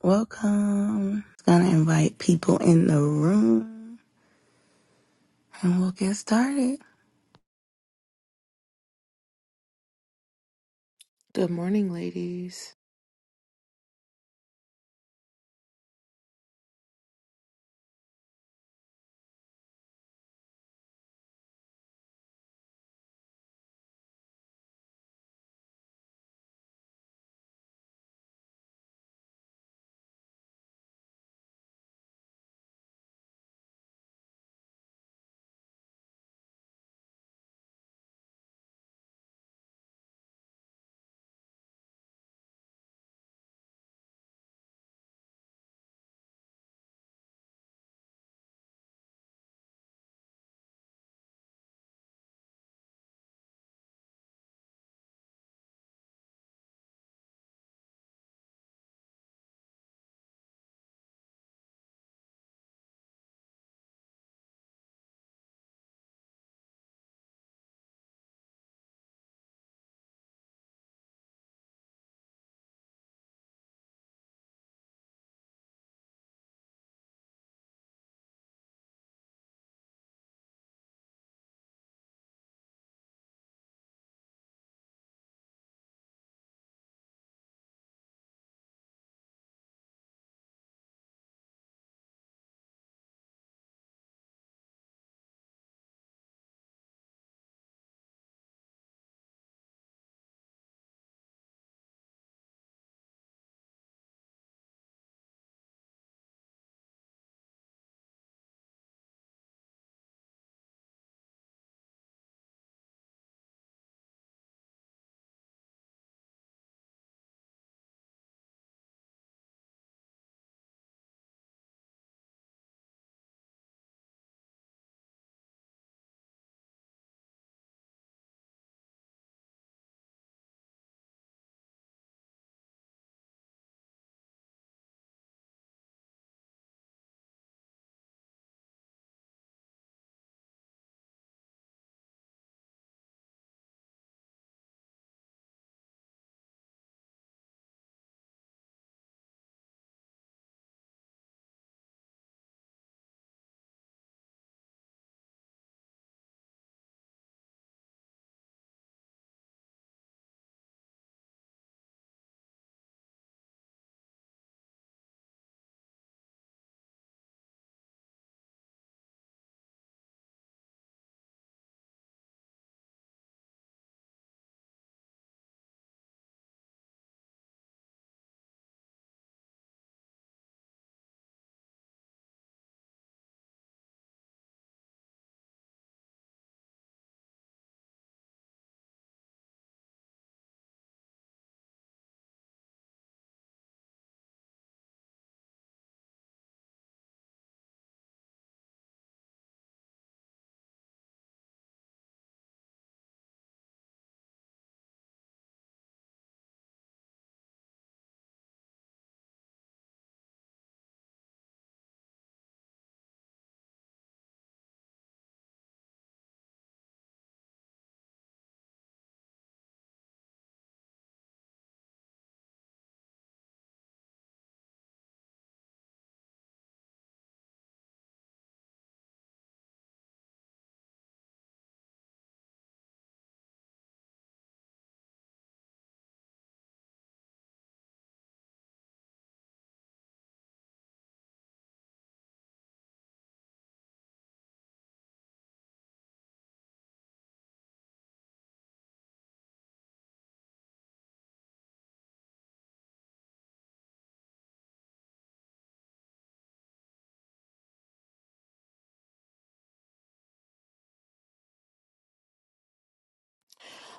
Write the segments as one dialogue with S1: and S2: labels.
S1: Welcome. Gonna invite people in the room and we'll get started.
S2: Good morning, ladies.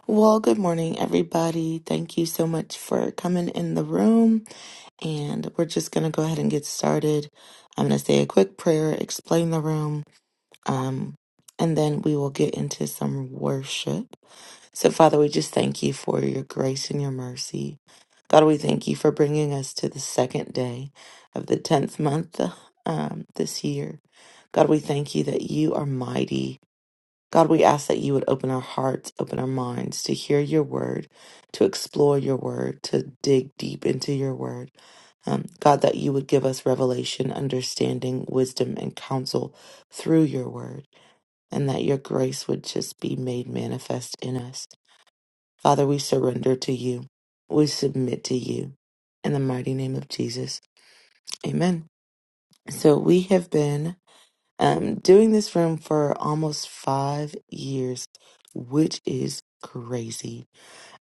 S2: Well, good morning, everybody. Thank you so much for coming in the room. And we're just going to go ahead and get started. I'm going to say a quick prayer, explain the room, um, and then we will get into some worship. So, Father, we just thank you for your grace and your mercy. God, we thank you for bringing us to the second day of the 10th month um, this year. God, we thank you that you are mighty God, we ask that you would open our hearts, open our minds to hear your word, to explore your word, to dig deep into your word. Um, God, that you would give us revelation, understanding, wisdom, and counsel through your word, and that your grace would just be made manifest in us. Father, we surrender to you. We submit to you. In the mighty name of Jesus. Amen. So we have been um, doing this room for almost five years, which is crazy.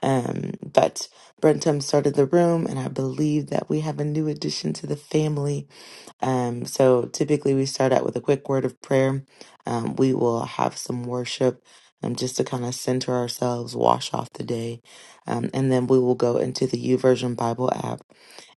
S2: Um, but Brentum started the room, and I believe that we have a new addition to the family. Um, so typically we start out with a quick word of prayer. Um, we will have some worship. Um, just to kind of center ourselves, wash off the day, um, and then we will go into the U Version Bible app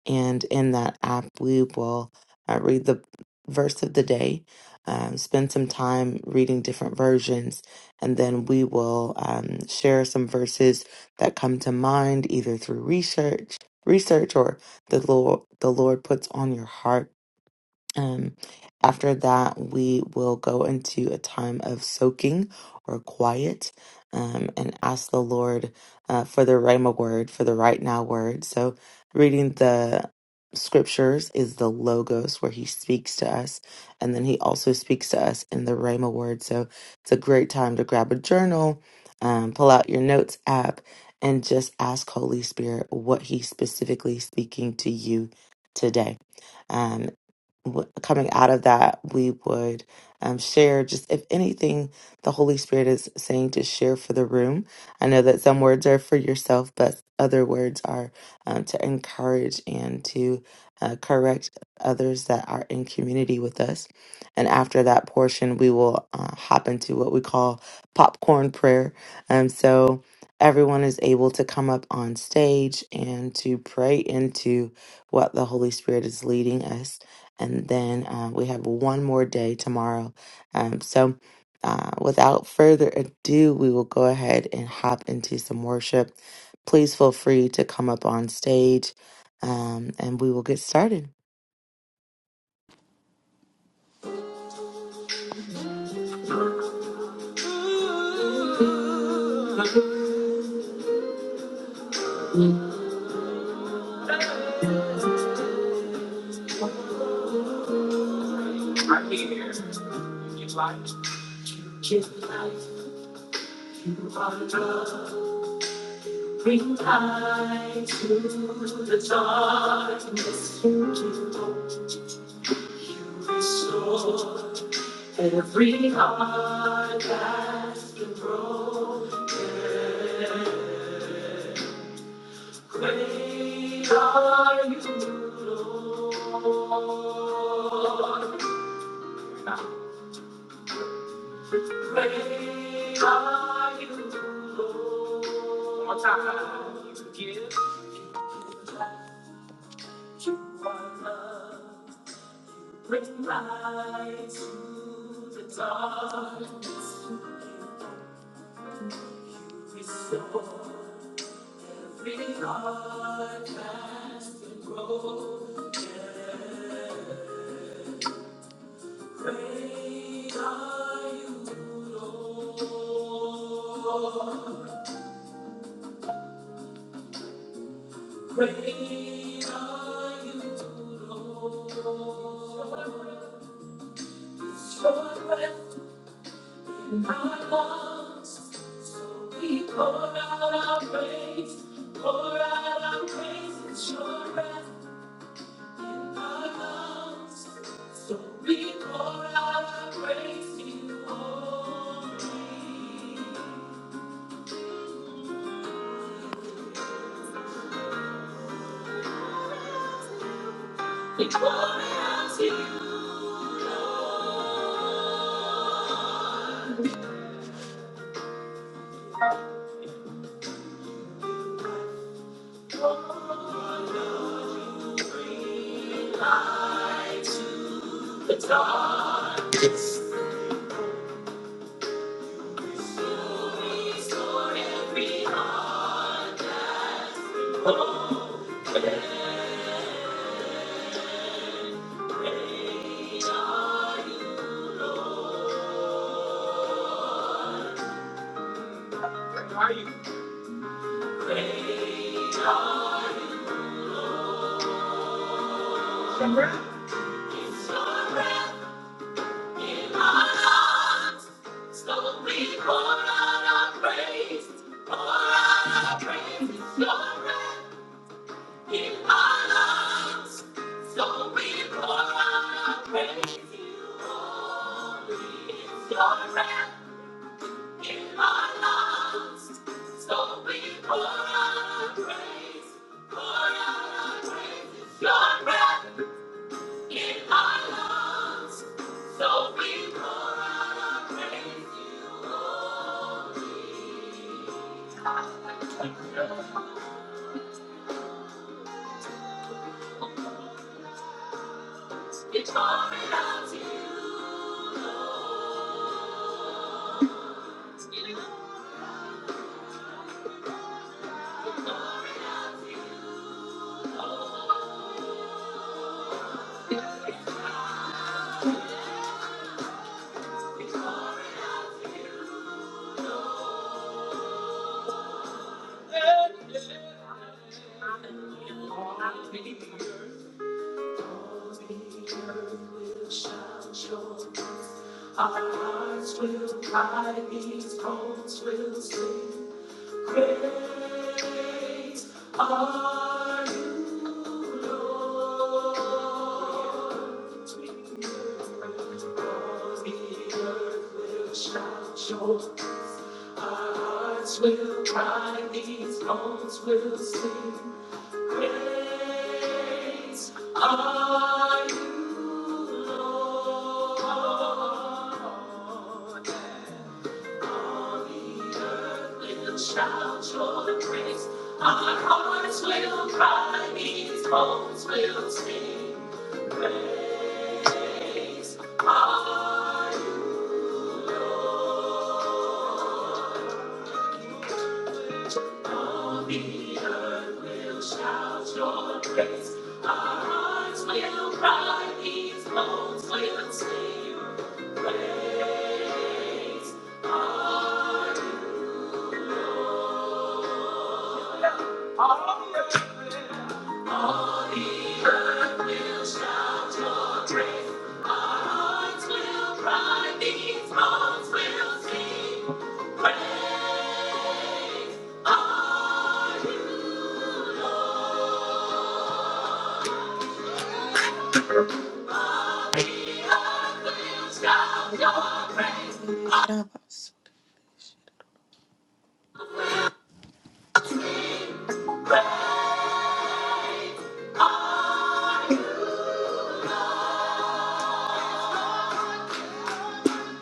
S2: and in that app, we will uh, read the verse of the day, um, spend some time reading different versions, and then we will um, share some verses that come to mind either through research, research, or the Lord the Lord puts on your heart um, after that, we will go into a time of soaking or quiet um, and ask the Lord uh, for the Rhema word, for the right now word. So, reading the scriptures is the Logos where He speaks to us, and then He also speaks to us in the Rhema word. So, it's a great time to grab a journal, um, pull out your notes app, and just ask Holy Spirit what He's specifically speaking to you today. Um, w- coming out of that, we would um, share just if anything the Holy Spirit is saying to share for the room. I know that some words are for yourself, but other words are um, to encourage and to uh, correct others that are in community with us. And after that portion, we will uh, hop into what we call popcorn prayer. Um, so everyone is able to come up on stage and to pray into what the Holy Spirit is leading us and then uh, we have one more day tomorrow. Um, so, uh, without further ado, we will go ahead and hop into some worship. Please feel free to come up on stage, um, and we will get started.
S1: Every heart, great are you, Lord. Great are you Lord. Great are you Lord. Restore my heart. and grow. Great are you Lord. Great are you Lord. Restore my. Not once, so we pour out our praise, pour out our praise, it's your breath in our lungs. So we pour out our praise to you only. We pour out to you only. Light to the darkness, you restore every heart. Where are you? Remember? Your breath in our lungs. So we pour out our praise to you, Lord. It's pouring out to you, Lord. It's pouring out to You are Lord. It's pouring out. to you, Lord. The earth will shout your praise. Our hearts will cry, these bones will sing. Great are you, Lord. The earth will shout your praise. Our hearts will cry, these bones will sing. Great are you, Lord. With the shouts of praise, our hearts will cry, these bones will sing. Praise our Lord. The earth will shout your praise, our hearts will cry, these bones will sing. Praise our Lord. On the earth will shout your praise, our hearts will cry, knees, arms will sing. Praise on the earth will shout your praise, our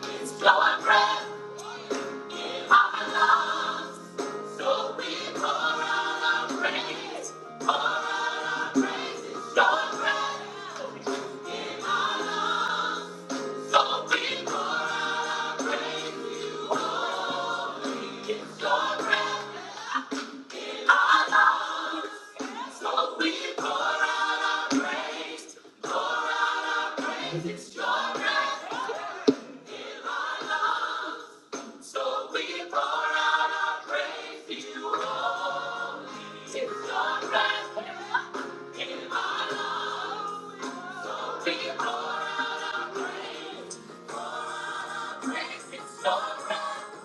S1: hands blowing breath in our lungs. So we pour out our praise, pour out our praises, your praise in our lungs. So we pour out our praise, you only get your breath in our lungs. So we pour out our praise, pour out our praises, your breath in our lungs. So we pour out our praise to you, Holy Spirit. In our lungs. So we pour out our praise, pour out our praise is your breath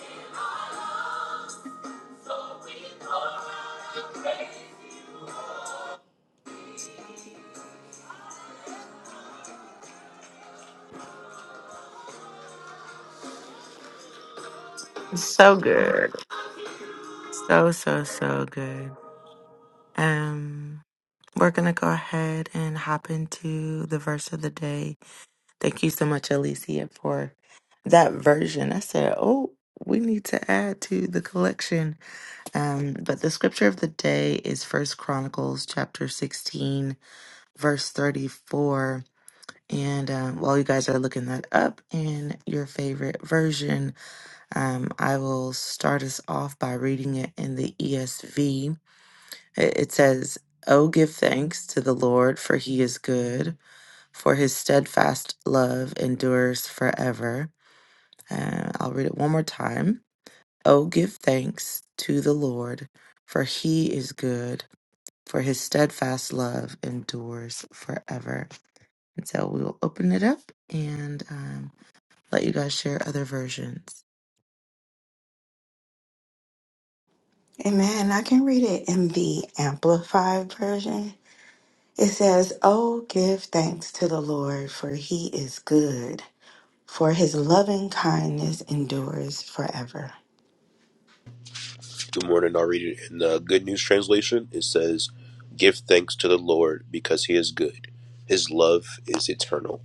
S1: in our lungs. So we pour out our praise.
S2: So good, so so so good. Um, we're gonna go ahead and hop into the verse of the day. Thank you so much, Alicia, for that version. I said, oh, we need to add to the collection Um, but the scripture of the day is First Chronicles chapter 16, verse 34. And um, while you guys are looking that up in your favorite version, um, I will start us off by reading it in the ESV. It, it says, Oh, give thanks to the Lord, for he is good, for his steadfast love endures forever. Uh, I'll read it one more time. Oh, give thanks to the Lord, for he is good for his steadfast love endures forever. And so we will open it up and um, let you guys share other versions.
S1: Amen. I can read it in the Amplified version. It says, Oh, give thanks to the Lord, for he is good, for his loving kindness endures forever.
S3: Good morning. I'll read it in the Good News Translation. It says, Give thanks to the Lord because he is good. His love is eternal.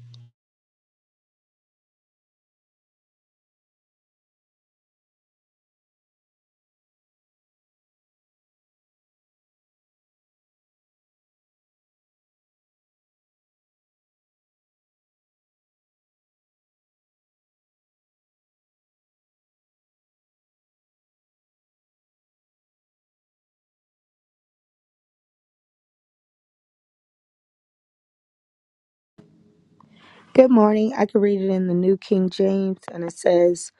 S4: Good morning. I can read it in the New King James, and it says,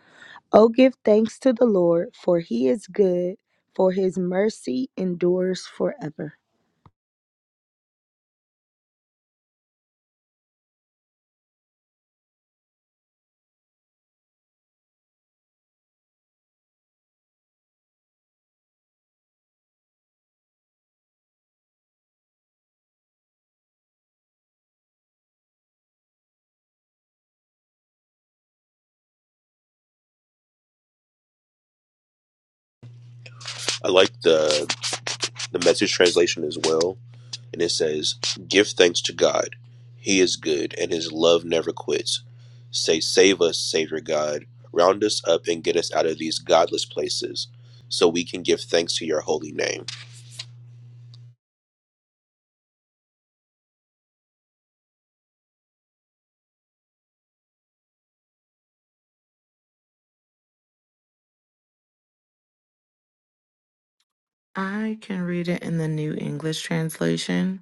S4: Oh, give thanks to the Lord, for he is good, for his mercy endures forever.
S3: I like the, the message translation as well. And it says, Give thanks to God. He is good and his love never quits. Say, Save us, Savior God. Round us up and get us out of these godless places so we can give thanks to your holy name.
S2: I can read it in the New English translation.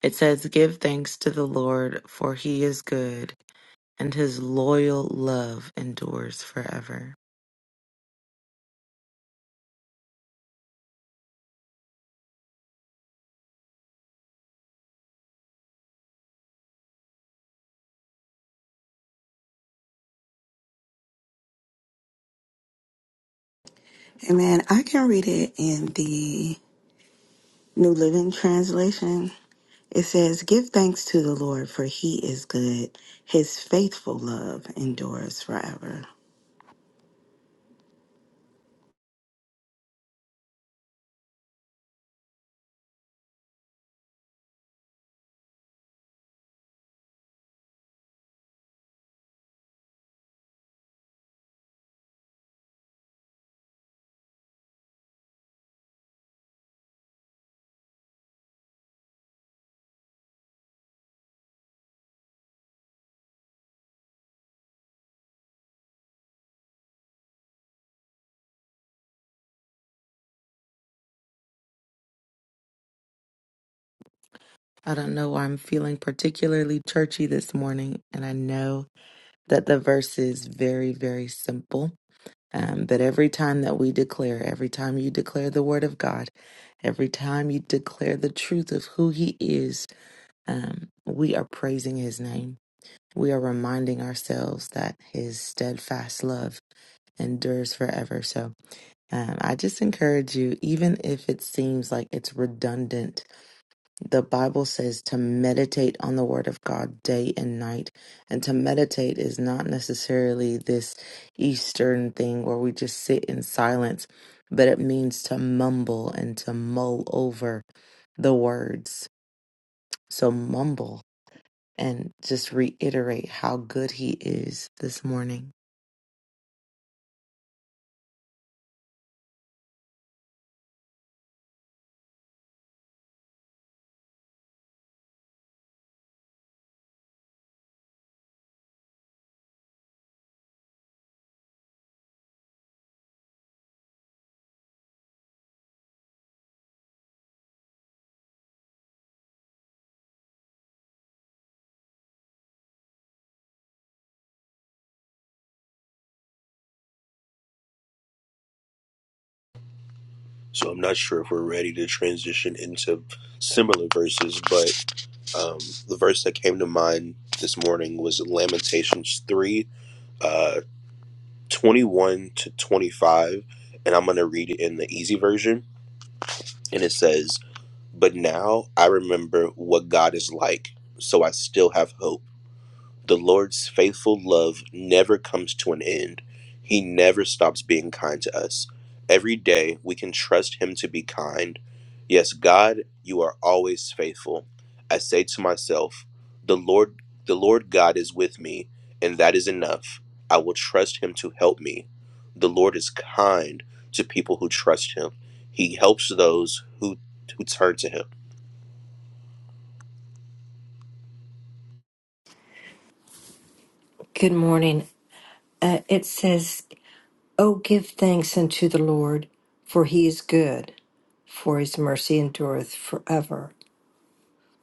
S2: It says, Give thanks to the Lord, for he is good, and his loyal love endures forever.
S1: Amen. I can read it in the New Living Translation. It says, Give thanks to the Lord, for he is good. His faithful love endures forever.
S2: I don't know why I'm feeling particularly churchy this morning, and I know that the verse is very, very simple um, that every time that we declare, every time you declare the word of God, every time you declare the truth of who He is, um, we are praising His name. We are reminding ourselves that His steadfast love endures forever. So um, I just encourage you, even if it seems like it's redundant the Bible says to meditate on the Word of God day and night. And to meditate is not necessarily this Eastern thing where we just sit in silence, but it means to mumble and to mull over the words. So mumble and just reiterate how good He is this morning.
S3: So I'm not sure if we're ready to transition into similar verses, but. Um, the verse that came to mind this morning was Lamentations 3 uh, 21 to 25. And I'm going to read it in the easy version. And it says, But now I remember what God is like, so I still have hope. The Lord's faithful love never comes to an end. He never stops being kind to us. Every day we can trust Him to be kind. Yes, God, you are always faithful. I say to myself, the Lord, the Lord God is with me, and that is enough. I will trust Him to help me. The Lord is kind to people who trust Him. He helps those who who turn to Him.
S5: Good morning. Uh, it says, Oh, give thanks unto the Lord, for he is good, for his mercy endureth forever.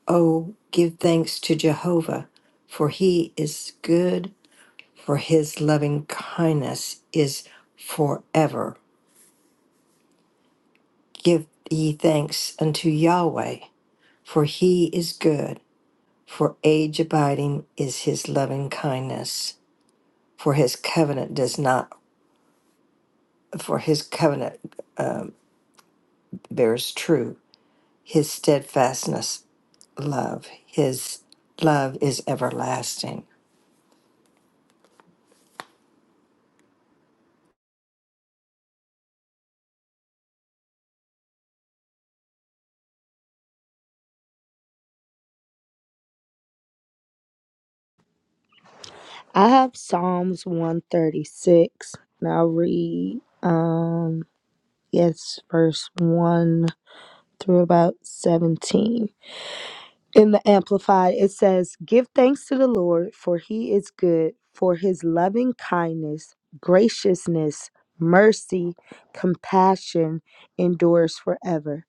S5: Oh, give thanks to Jehovah, for he is good, for his loving kindness is forever. Give ye thanks unto Yahweh, for he is good, for age abiding is his loving kindness, for his covenant does not, for his covenant bears true His steadfastness, love, His love is everlasting.
S4: I have Psalms 136, and I'll read, um, yes, verse 1 through about 17. In the Amplified, it says, Give thanks to the Lord, for he is good, for his loving kindness, graciousness, mercy, compassion endures forever.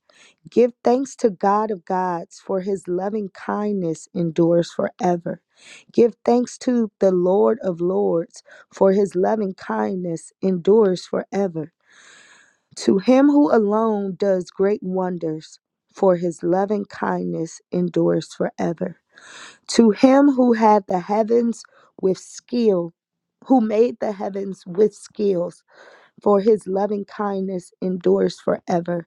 S4: Give thanks to God of gods, for his loving kindness endures forever. Give thanks to the Lord of lords, for his loving kindness endures forever. To him who alone does great wonders, for his loving kindness endures forever. To him who had the heavens with skill, who made the heavens with skills, for his loving kindness endures forever.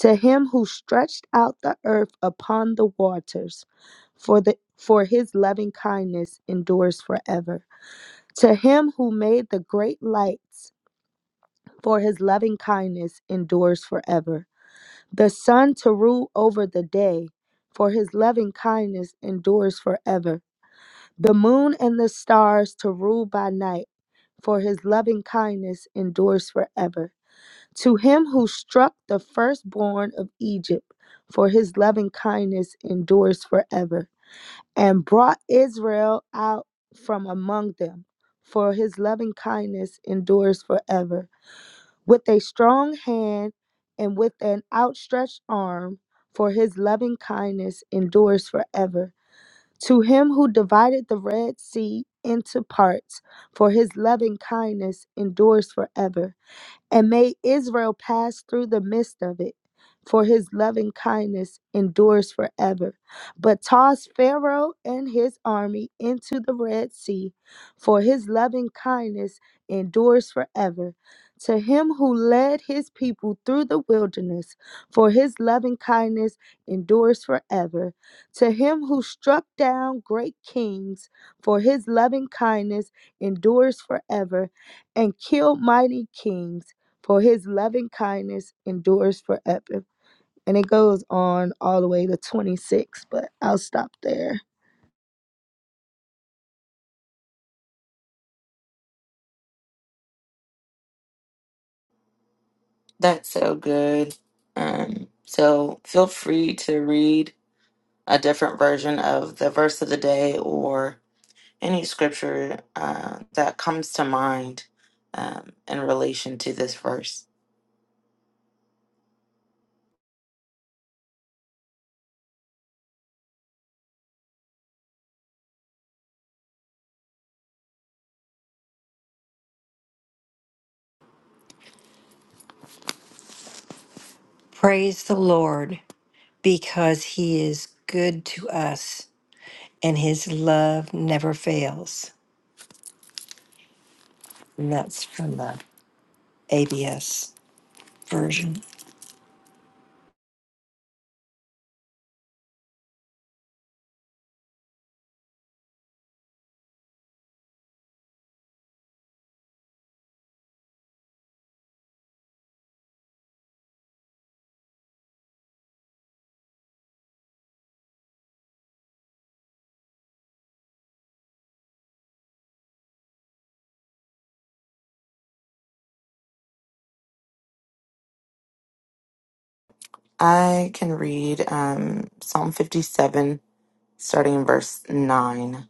S4: To him who stretched out the earth upon the waters, for the for his loving kindness endures forever. To him who made the great lights, for his loving kindness endures forever. The sun to rule over the day, for his loving kindness endures forever the moon and the stars to rule by night, for his loving kindness endures forever. To him who struck the firstborn of Egypt, for his loving kindness endures forever, and brought Israel out from among them, for his loving kindness endures forever. With a strong hand and with an outstretched arm, for his loving kindness endures forever to him who divided the Red Sea into parts, for his loving kindness endures forever and may Israel pass through the midst of it, for his loving kindness endures forever. But toss Pharaoh and his army into the Red Sea, for his loving kindness endures forever. To him who led his people through the wilderness, for his loving kindness endures forever. To him who struck down great kings, for his loving kindness endures forever, and killed mighty kings for his loving kindness endures forever. And it goes on all the way to 26, but I'll stop there.
S2: That's so good. Um, so feel free to read a different version of the verse of the day, or. any scripture uh, that comes to mind um, in relation to this verse.
S5: Praise the Lord because He is good to us and His love never fails. And that's from the ABS version.
S2: I can read um, Psalm 57, starting in verse 9.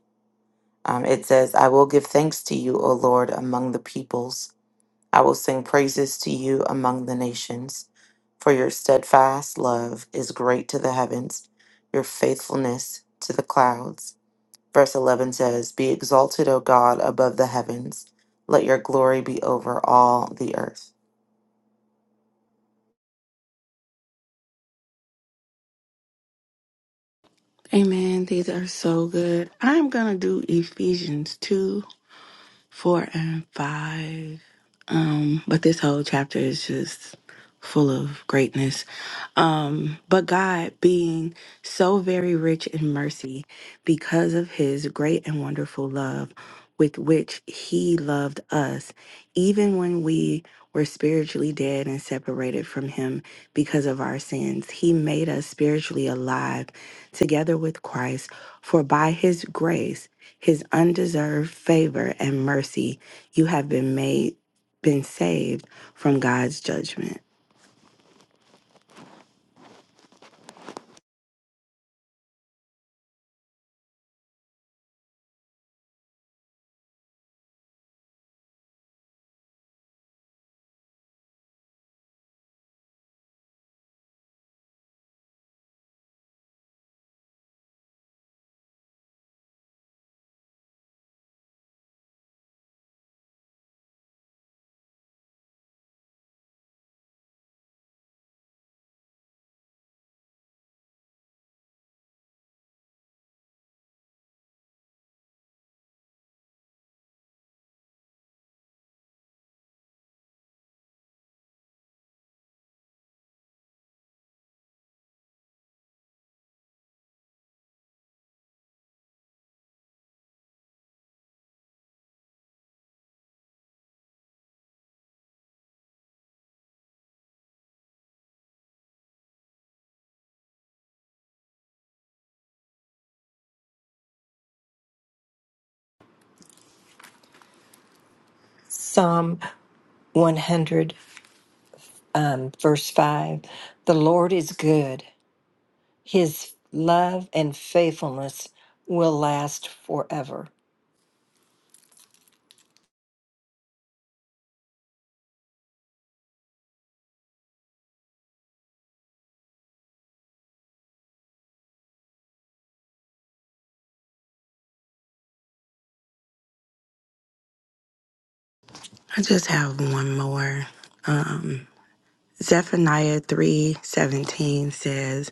S2: Um, it says, I will give thanks to you, O Lord, among the peoples. I will sing praises to you among the nations. For your steadfast love is great to the heavens, your faithfulness to the clouds. Verse 11 says, Be exalted, O God, above the heavens. Let your glory be over all the earth.
S1: Amen. These are so good. I'm going to do Ephesians 2 4 and 5. Um, but this whole chapter is just full of greatness. Um, but God being so very rich in mercy because of his great and wonderful love with which he loved us, even when we were spiritually dead and separated from him because of our sins, he made us spiritually alive together with Christ, for by his grace, his undeserved favor and mercy, you have been made been saved from God's judgment.
S5: Psalm 100, um, verse 5 The Lord is good, His love and faithfulness will last forever.
S1: I just have one more. Um, Zephaniah 3:17 says,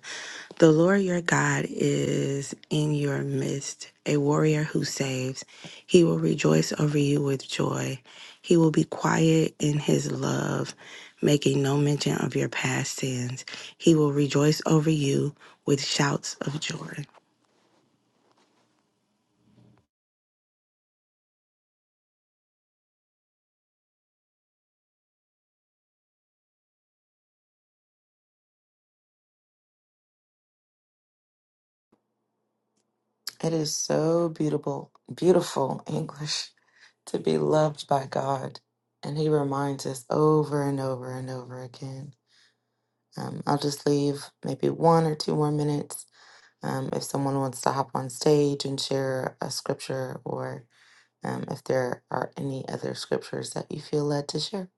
S1: "The Lord your God is in your midst, a warrior who saves. He will rejoice over you with joy. He will be quiet in his love, making no mention of your past sins. He will rejoice over you with shouts of joy."
S2: It is so beautiful, beautiful English to be loved by God. And he reminds us over and over and over again. Um, I'll just leave maybe one or two more minutes. Um, if someone wants to hop on stage and share a scripture, or um, if there are any other scriptures that you feel led to share.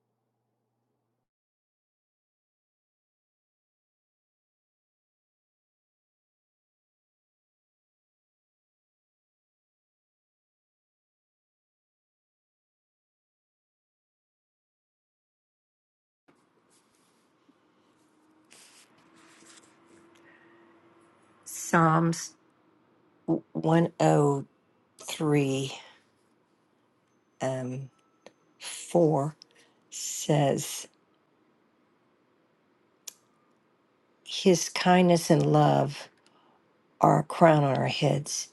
S5: Psalms 103. um, 4 says, His kindness and love are a crown on our heads.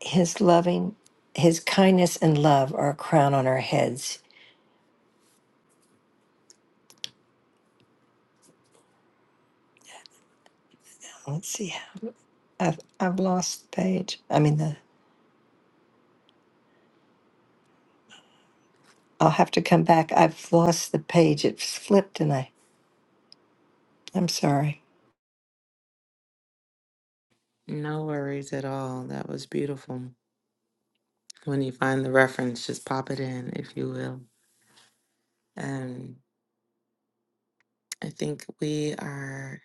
S5: His loving, His kindness and love are a crown on our heads. Let's see. I've, I've lost the page. I mean, the I'll have to come back. I've lost the page. It's flipped and I, I'm sorry.
S2: No worries at all. That was beautiful. When you find the reference, just pop it in, if you will. Um, I think we are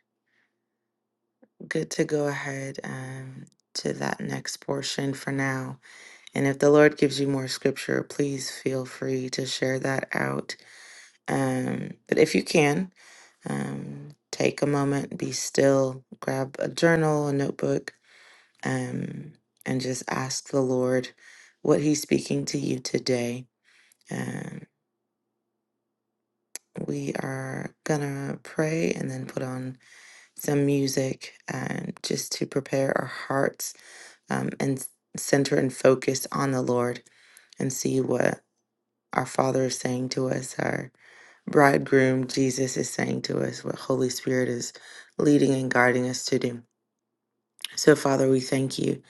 S2: good to go ahead um, to that next portion for now. And if the Lord gives you more scripture, please feel free to share that out. Um, but if you can, um, take a moment, be still, grab a journal, a notebook, um, and just ask the Lord what He's speaking to you today. Um, We are gonna pray and then put on some music um, just to prepare our hearts um, and s- center and focus on the Lord and see what our Father is saying to us, our bridegroom Jesus is saying to us, what Holy Spirit is leading and guiding us to do. So, Father, we thank you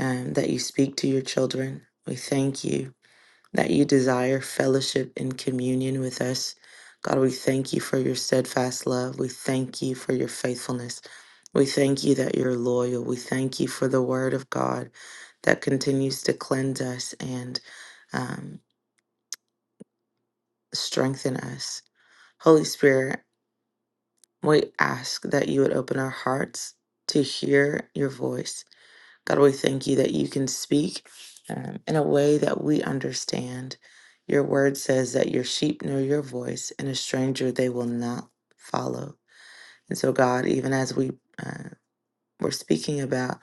S2: um, that you speak to your children. We thank you that you desire fellowship and communion with us. God, we thank you for your steadfast love. We thank you for your faithfulness. We thank you that you're loyal. We thank you for the word of God that continues to cleanse us and um, strengthen us. Holy Spirit, we ask that you would open our hearts to hear your voice God, we thank you that you can speak um, in a way that we understand. Your word says that your sheep know your voice, and a stranger they will not follow. And so, God, even as we uh, were speaking about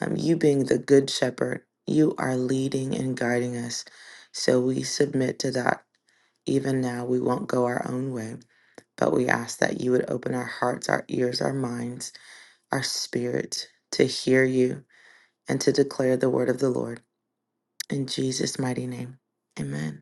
S2: um, you being the good shepherd, you are leading and guiding us. So we submit to that. Even now, we won't go our own way, but we ask that you would open our hearts, our ears, our minds, our spirit to hear you and to declare the word of the Lord. In Jesus' mighty name, amen.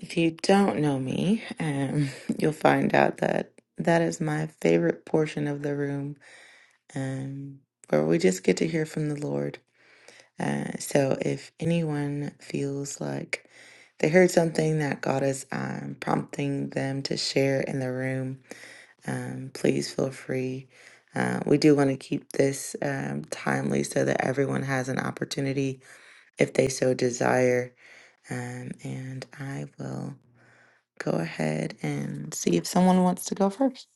S2: If you don't know me, um, you'll find out that that is my favorite portion of the room um, where we just get to hear from the Lord. Uh, so if anyone feels like they heard something that God is um, prompting them to share in the room, um, please feel free. Uh, we do want to keep this um, timely so that everyone has an opportunity if they so desire. Um, and I will go ahead and see if someone wants to go first.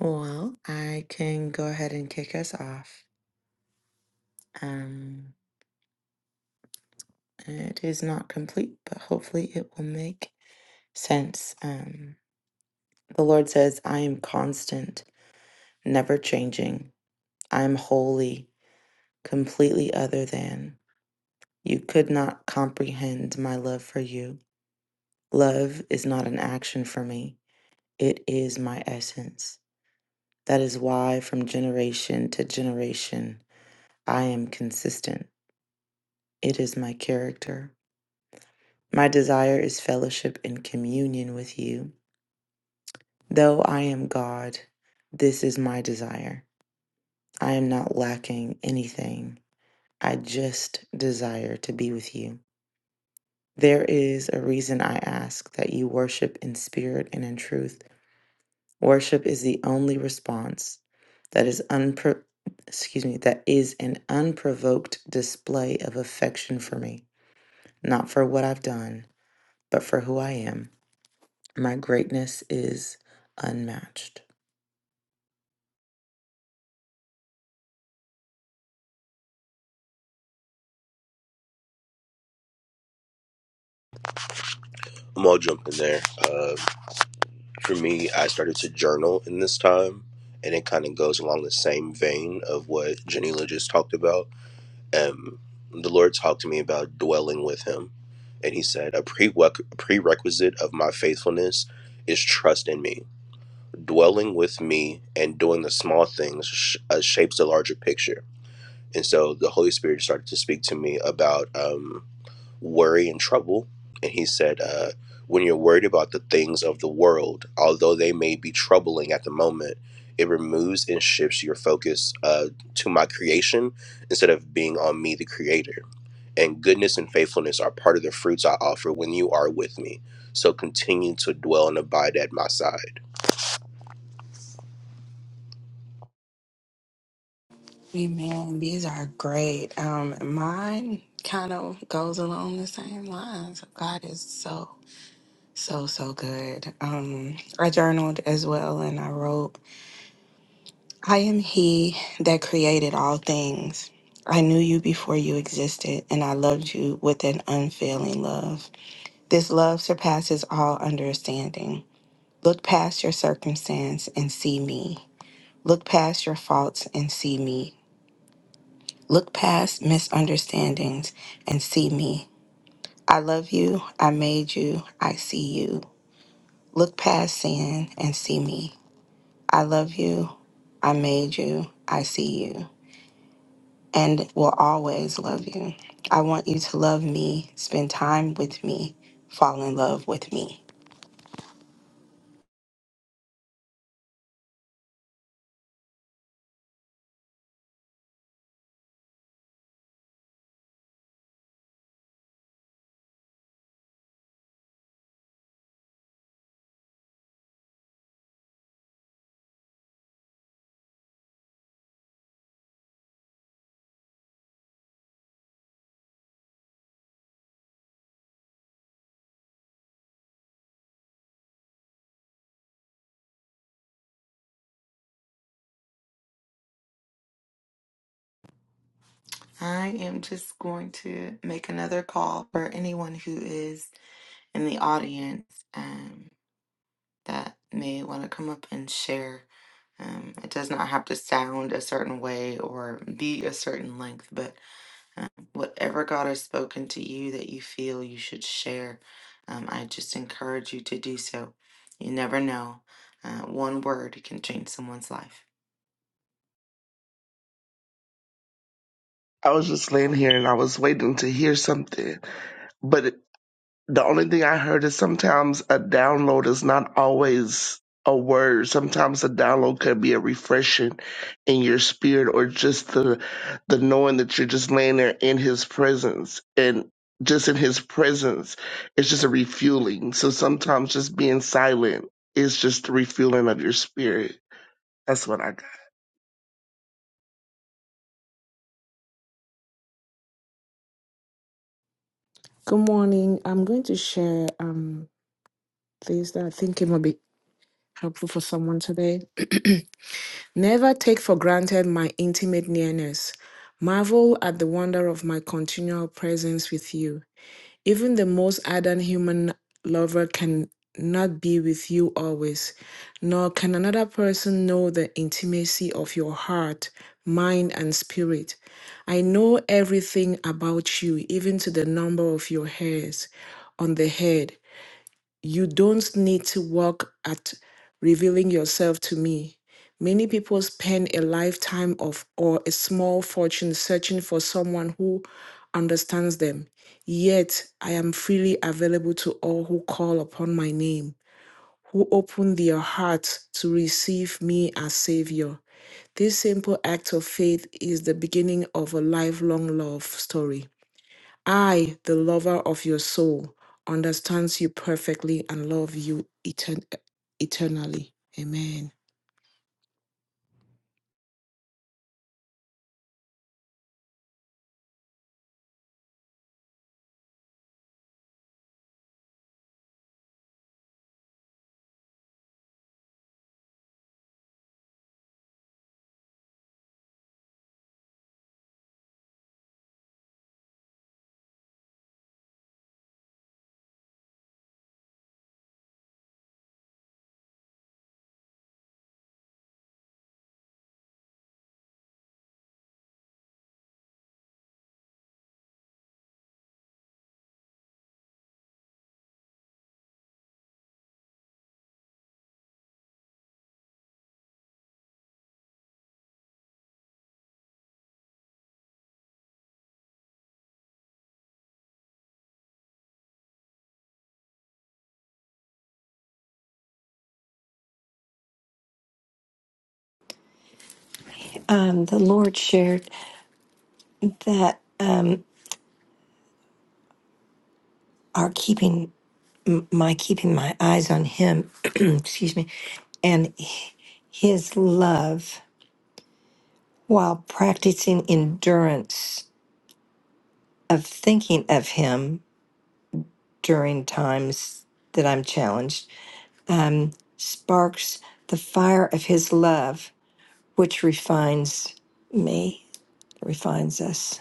S2: Well, I can go ahead and kick us off. Um, it is not complete, but hopefully it will make since um, the Lord says, I am constant, never changing. I am holy, completely other than. You could not comprehend my love for you. Love is not an action for me, it is my essence. That is why, from generation to generation, I am consistent. It is my character. My desire is fellowship and communion with you. Though I am God, this is my desire I am not lacking anything. I just desire to be with you. There is a reason I ask that you worship in spirit and in truth. Worship is the only response that is unpro- excuse me, that is an unprovoked display of affection for me, not for what I've done, but for who I am. My greatness is unmatched.
S3: I'm all jumping there. Uh, for me, I started to journal in this time, and it kind of goes along the same vein of what Janila just talked about. Um, the Lord talked to me about dwelling with Him, and He said, A prereq- prerequisite of my faithfulness is trust in me. Dwelling with me and doing the small things sh- uh, shapes the larger picture. And so the Holy Spirit started to speak to me about. um, worry and trouble. And he said, uh, When you're worried about the things of the world, although they may be troubling at the moment, it removes and shifts your focus uh, to my creation instead of being on me, the creator. And goodness and faithfulness are part of the fruits I offer when you are with me. So continue to dwell and abide at my side.
S1: Amen. These are great. Um, mine kind of goes along the same lines. God is so, so, so good. Um, I journaled as well and I wrote, I am He that created all things. I knew you before you existed, and I loved you with an unfailing love. This love surpasses all understanding. Look past your circumstance and see me. Look past your faults and see me. Look past misunderstandings and see me. I love you. I made you. I see you. Look past sin and see me. I love you. I made you. I see you. And will always love you. I want you to love me, spend time with me, fall in love with me.
S2: I am just going to make another call for anyone who is in the audience um, that may want to come up and share. Um, it does not have to sound a certain way or be a certain length, but um, whatever God has spoken to you that you feel you should share, um, I just encourage you to do so. You never know. Uh, one word can change someone's life.
S6: I was just laying here and I was waiting to hear something. But it, the only thing I heard is sometimes a download is not always a word. Sometimes a download could be a refreshing in your spirit or just the the knowing that you're just laying there in his presence and just in his presence it's just a refueling. So sometimes just being silent is just the refueling of your spirit. That's what I got.
S7: Good morning. I'm going to share um things that I think it might be helpful for someone today. Never take for granted my intimate nearness. Marvel at the wonder of my continual presence with you. Even the most ardent human lover can not be with you always, nor can another person know the intimacy of your heart, mind, and spirit. I know everything about you, even to the number of your hairs on the head you don't need to work at revealing yourself to me. Many people spend a lifetime of or a small fortune searching for someone who understands them. Yet I am freely available to all who call upon my name, who open their hearts to receive me as Savior. This simple act of faith is the beginning of a lifelong love story. I, the lover of your soul, understands you perfectly and love you etern- eternally. Amen.
S5: Um, the Lord shared that um, our keeping, m- my keeping my eyes on Him, excuse me, and His love. while practicing endurance of thinking of him during times that I'm challenged, um, sparks the fire of his love, which refines me, refines us.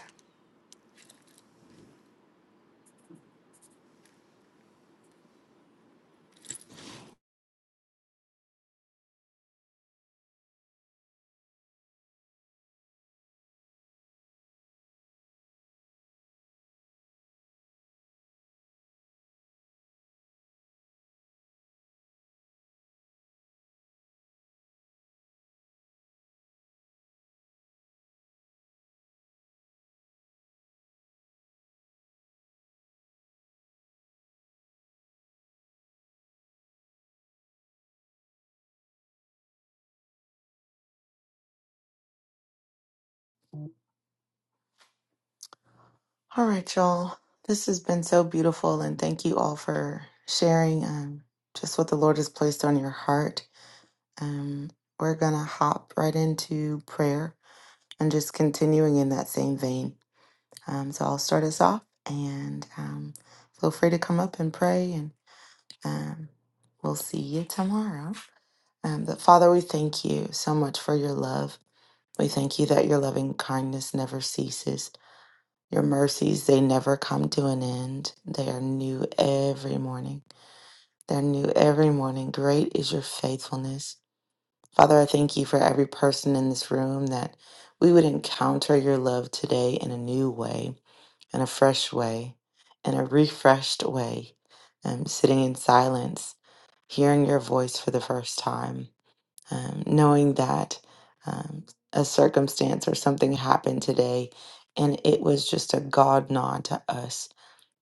S2: All right, y'all. This has been so beautiful, and thank you all for sharing um, just what the Lord has placed on your heart. Um, we're going to hop right into prayer and just continuing in that same vein. Um, so I'll start us off and um, feel free to come up and pray, and um, we'll see you tomorrow. Um, but Father, we thank you so much for your love. We thank you that your loving kindness never ceases. Your mercies, they never come to an end. They are new every morning. They're new every morning. Great is your faithfulness. Father, I thank you for every person in this room that we would encounter your love today in a new way, in a fresh way, in a refreshed way, um, sitting in silence, hearing your voice for the first time um, knowing that um, a circumstance or something happened today and it was just a God nod to us.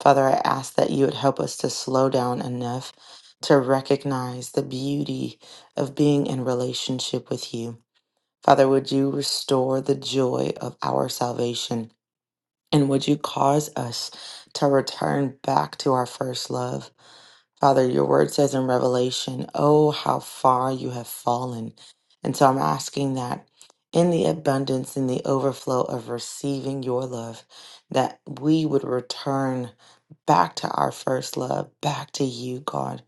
S2: Father, I ask that you would help us to slow down enough to recognize the beauty of being in relationship with you. Father, would you restore the joy of our salvation and would you cause us to return back to our first love? Father, your word says in Revelation, Oh, how far you have fallen. And so I'm asking that in the abundance, in the overflow of receiving your love, that we would return back to our first love, back to you, God,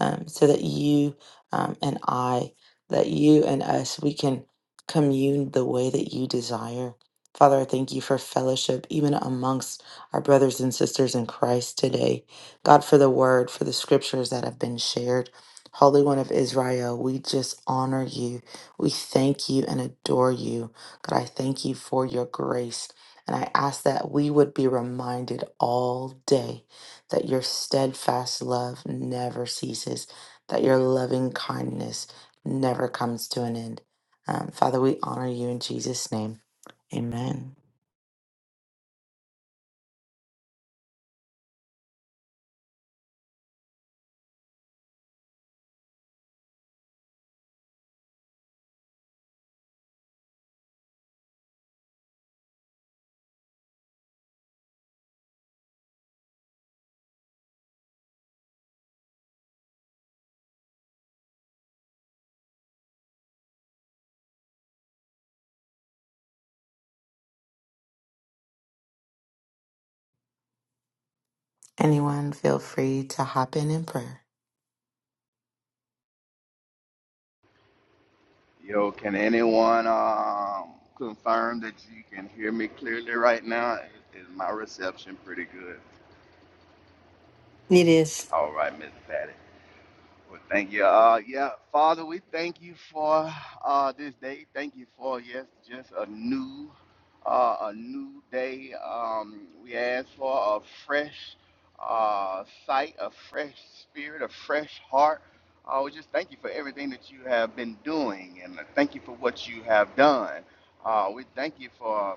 S2: um, so that you um, and I, that you and us, we can commune the way that you desire. Father, I thank you for fellowship, even amongst our brothers and sisters in Christ today. God, for the word, for the scriptures that have been shared. Holy One of Israel, we just honor you. We thank you and adore you. God, I thank you for your grace. And I ask that we would be reminded all day that your steadfast love never ceases, that your loving kindness never comes to an end. Um, Father, we honor you in Jesus' name. Amen. Anyone, feel free to hop in in prayer.
S8: Yo, can anyone um, confirm that you can hear me clearly right now? Is is my reception pretty good?
S5: It is.
S8: All right, Miss Patty. Well, thank you. Uh, yeah, Father, we thank you for uh, this day. Thank you for yes, just a new, uh, a new day. Um, we ask for a fresh uh, sight, a fresh spirit, a fresh heart. Uh, we just thank you for everything that you have been doing, and thank you for what you have done. Uh, we thank you for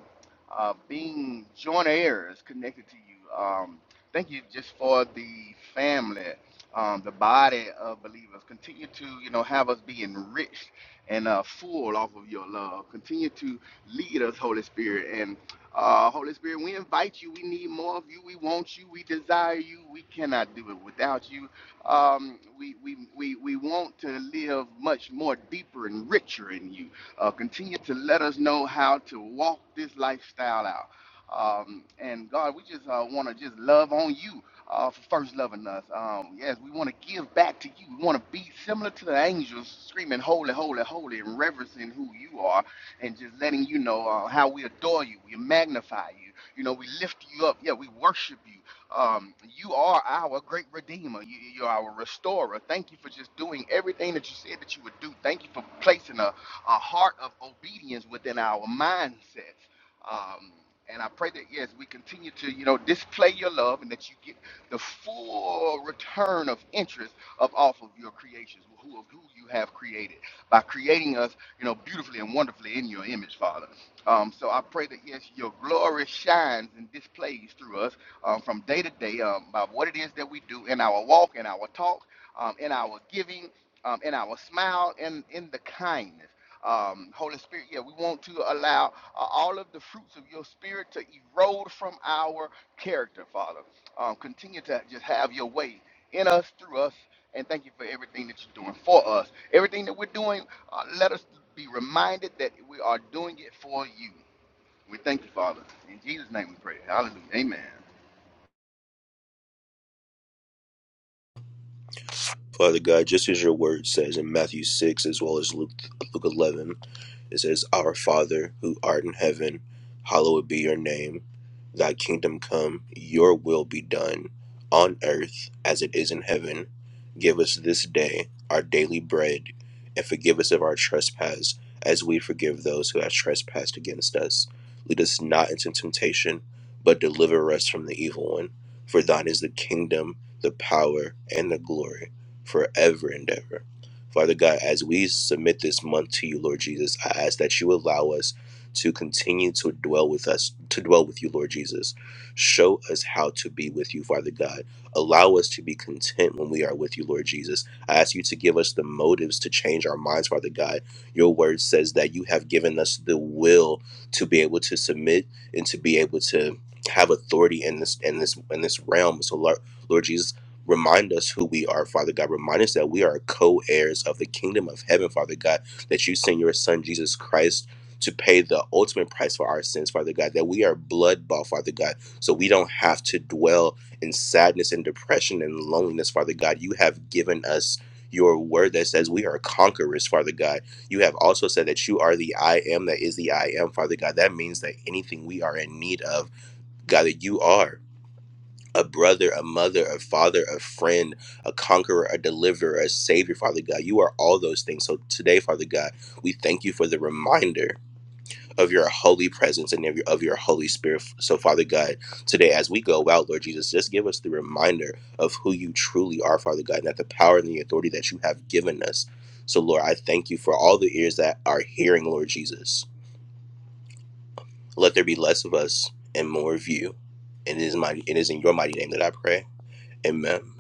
S8: uh, being joint heirs connected to you. Um, thank you just for the family um, the body of believers. Continue to, you know, have us be enriched and uh, full off of your love. Continue to lead us, Holy Spirit. And uh, Holy Spirit, we invite you. We need more of you. We want you. We desire you. We cannot do it without you. Um, we, we, we, we want to live much more deeper and richer in you. Uh, continue to let us know how to walk this lifestyle out. Um, and God, we just uh, want to just love on you uh, for first loving us. Um, yes, we want to give back to you. We want to be similar to the angels, screaming, Holy, holy, holy, and reverencing who you are, and just letting you know uh, how we adore you, we magnify you. You know, we lift you up. Yeah, we worship you. Um, you are our great redeemer. You, you're our restorer. Thank you for just doing everything that you said that you would do. Thank you for placing a, a heart of obedience within our mindsets. Um, and I pray that yes, we continue to you know display your love, and that you get the full return of interest up off of your creations, who of who you have created by creating us, you know, beautifully and wonderfully in your image, Father. Um, so I pray that yes, your glory shines and displays through us um, from day to day um, by what it is that we do in our walk, in our talk, um, in our giving, um, in our smile, and in the kindness. Um, Holy Spirit, yeah, we want to allow uh, all of the fruits of your spirit to erode from our character, Father. Um, continue to just have your way in us, through us, and thank you for everything that you're doing for us. Everything that we're doing, uh, let us be reminded that we are doing it for you. We thank you, Father. In Jesus' name we pray. Hallelujah. Amen.
S3: Father God, just as your word says in Matthew 6 as well as Luke, Luke 11, It says, Our Father, who art in heaven, hallowed be your name. Thy kingdom come, your will be done, on earth as it is in heaven. Give us this day our daily bread, and forgive us of our trespass, as we forgive those who have trespassed against us. Lead us not into temptation, but deliver us from the evil one. For thine is the kingdom, the power, and the glory, forever and ever. Father God, as we submit this month to you, Lord Jesus, I ask that you allow us to continue to dwell with us, to dwell with you, Lord Jesus. Show us how to be with you, Father God. Allow us to be content when we are with you, Lord Jesus. I ask you to give us the motives to change our minds, Father God. Your word says that you have given us the will to be able to submit and to be able to have authority in this in this in this realm. So Lord, Lord Jesus. Remind us who we are, Father God. Remind us that we are co heirs of the kingdom of heaven, Father God, that you sent your son, Jesus Christ. To pay the ultimate price for our sins, Father God, that we are blood bought, Father God, so we don't have to dwell in sadness and depression and loneliness, Father God. You have given us your word that says we are conquerors, Father God. You have also said that you are the I am that is the I am, Father God. That means that anything we are in need of, God, that you are a brother, a mother, a father, a friend, a conqueror, a deliverer, a savior, Father God. You are all those things. So today, Father God, we thank you for the reminder of your holy presence and of your, of your Holy Spirit. So, Father God, today as we go out, Lord Jesus, just give us the reminder of who you truly are, Father God, and that the power and the authority that you have given us. So, Lord, I thank you for all the ears that are hearing, Lord Jesus. Let there be less of us and more of you. And it is mighty, it is in your mighty name that I pray. Amen.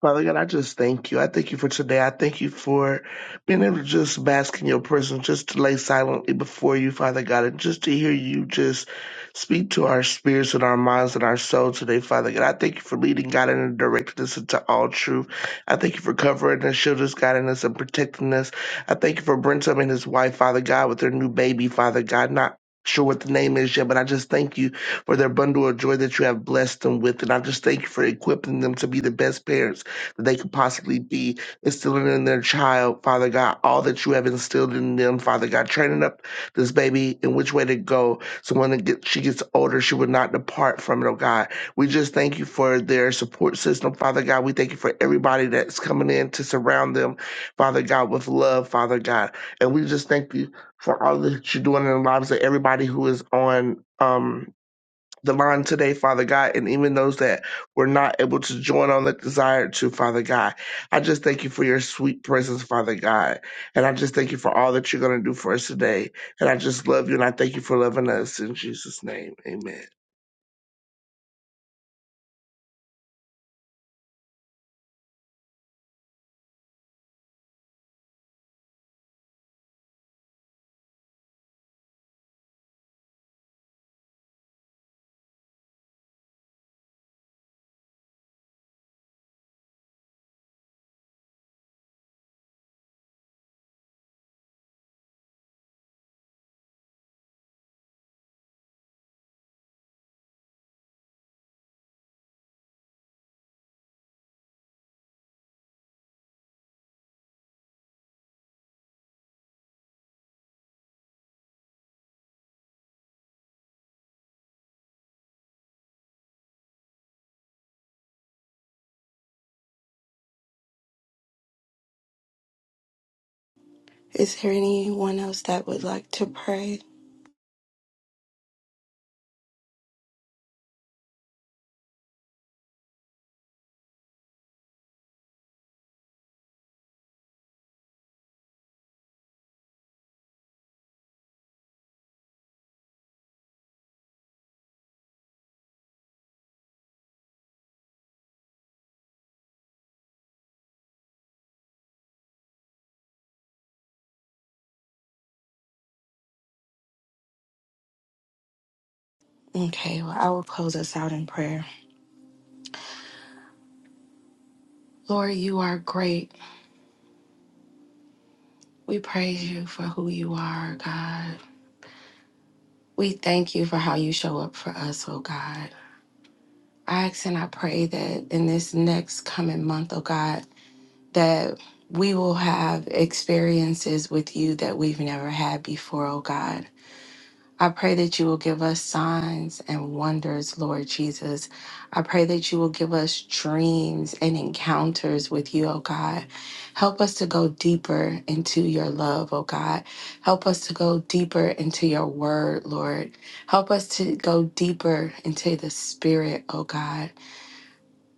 S6: Father God, I just thank you. I thank you for today. I thank you for being able to just bask in your presence, just to lay silently before you, Father God, and just to hear you just speak to our spirits and our minds and our soul today, Father God. I thank you for leading, God, and directing us into all truth. I thank you for covering us, shielding us, guiding us, and protecting us. I thank you for Brentum and his wife, Father God, with their new baby, Father God, not sure what the name is yet, but I just thank you for their bundle of joy that you have blessed them with. And I just thank you for equipping them to be the best parents that they could possibly be instilling in their child, Father God, all that you have instilled in them, Father God, training up this baby in which way to go. So when it get, she gets older, she would not depart from it, oh God. We just thank you for their support system, Father God. We thank you for everybody that's coming in to surround them, Father God, with love, Father God. And we just thank you for all that you're doing in the lives of everybody who is on. Um, the line today, Father God, and even those that were not able to join on that desire to, Father God. I just thank you for your sweet presence, Father God. And I just thank you for all that you're going to do for us today. And I just love you and I thank you for loving us in Jesus' name. Amen.
S1: Is there anyone else that would like to pray? Okay, well, I will close us out in prayer. Lord, you are great. We praise you for who you are, God. We thank you for how you show up for us, oh God. I ask and I pray that in this next coming month, oh God, that we will have experiences with you that we've never had before, oh God. I pray that you will give us signs and wonders, Lord Jesus. I pray that you will give us dreams and encounters with you, oh God. Help us to go deeper into your love, oh God. Help us to go deeper into your word, Lord. Help us to go deeper into the spirit, oh God.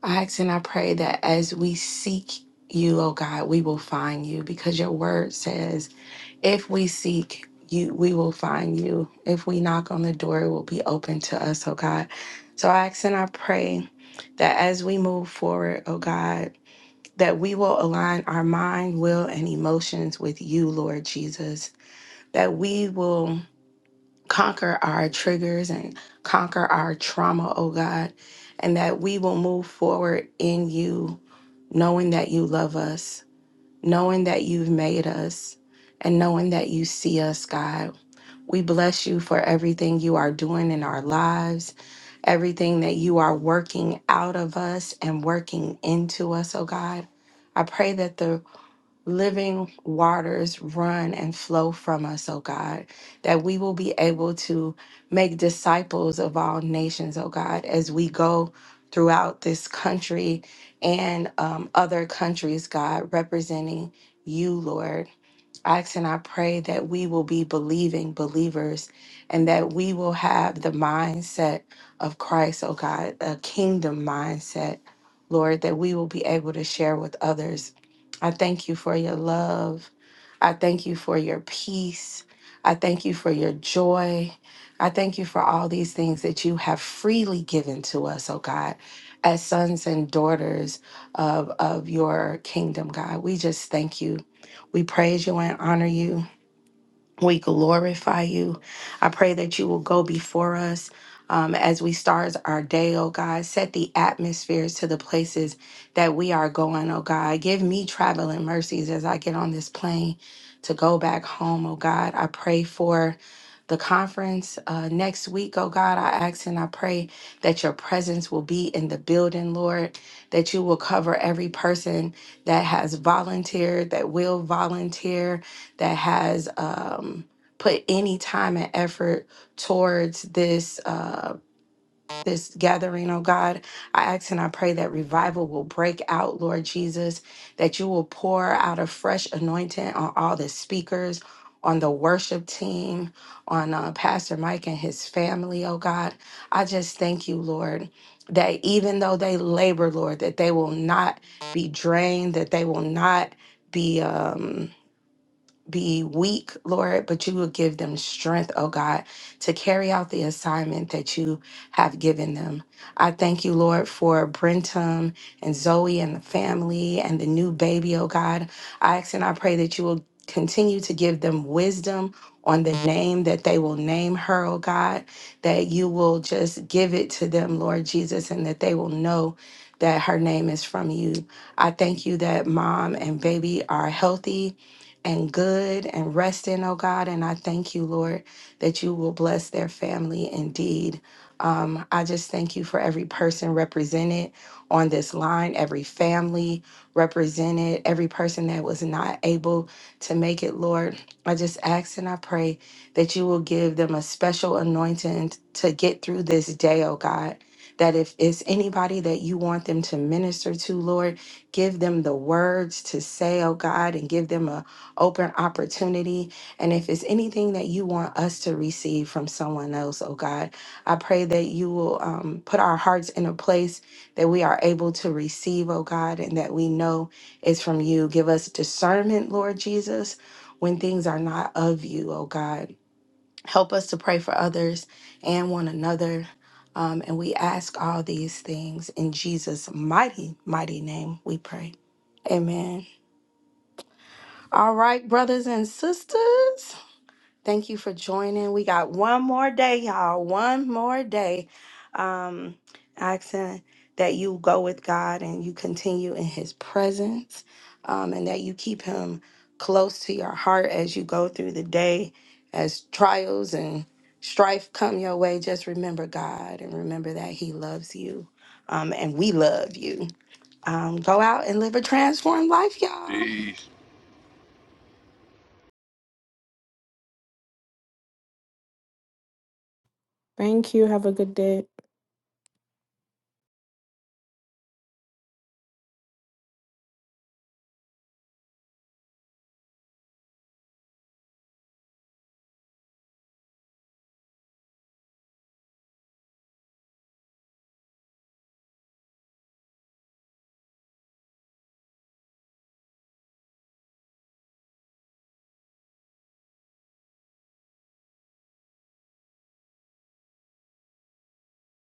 S1: I ask and I pray that as we seek you, oh God, we will find you because your word says if we seek you, we will find you. If we knock on the door, it will be open to us, oh God. So I ask and I pray that as we move forward, oh God, that we will align our mind, will, and emotions with you, Lord Jesus. That we will conquer our triggers and conquer our trauma, oh God. And that we will move forward in you, knowing that you love us, knowing that you've made us, and knowing that you see us, God. We bless you for everything you are doing in our lives, everything that you are working out of us and working into us, oh God. I pray that the living waters run and flow from us, oh God, that we will be able to make disciples of all nations, oh God, as we go throughout this country and um, other countries, God, representing you, Lord ask and I pray that we will be believing believers and that we will have the mindset of Christ, oh God, a kingdom mindset, Lord, that we will be able to share with others. I thank you for your love. I thank you for your peace. I thank you for your joy. I thank you for all these things that you have freely given to us, oh God, as sons and daughters of, of your kingdom, God. We just thank you. We praise you and honor you. We glorify you. I pray that you will go before us um, as we start our day, oh God. Set the atmospheres to the places that we are going, oh God. Give me traveling mercies as I get on this plane to go back home, oh God. I pray for the conference uh, next week, oh God. I ask and I pray that your presence will be in the building, Lord, that you will cover every person that has volunteered, that will volunteer, that has um, put any time and effort towards this. Um, this gathering, oh God. I ask and I pray that revival will break out, Lord Jesus, that you will pour out a fresh anointing on all the speakers, on the worship team, on uh, Pastor Mike and his family, oh God. I just thank you, Lord, that even though they labor, Lord, that they will not be drained, that they will not be. Um, be weak, Lord, but you will give them strength, oh God, to carry out the assignment that you have given them. I thank you, Lord, for Brentum and Zoe and the family and the new baby, oh God. I ask and I pray that you will continue to give them wisdom on the name that they will name her, oh God, that you will just give it to them, Lord Jesus, and that they will know that her name is from you. I thank you that mom and baby are healthy and good and rest in, oh God. And I thank you, Lord, that you will bless their family indeed. Um, I just thank you for every person represented on this line, every family represented, every person that was not able to make it, Lord. I just ask and I pray that you will give them a special anointing to get through this day, oh God. That if it's anybody that you want them to minister to, Lord, give them the words to say, oh God, and give them a open opportunity. And if it's anything that you want us to receive from someone else, oh God, I pray that you will um, put our hearts in a place that we are able to receive, oh God, and that we know is from you. Give us discernment, Lord Jesus, when things are not of you, oh God. Help us to pray for others and one another. Um, and we ask all these things in Jesus' mighty, mighty name, we pray. Amen. All right, brothers and sisters. Thank you for joining. We got one more day, y'all. One more day. Um, asking that you go with God and you continue in His presence, um, and that you keep Him close to your heart as you go through the day, as trials and strife come your way. Just remember God and remember that He loves you, um, and we love you. Um, go out and live a transformed life, y'all.
S7: Thank you. Have a good day.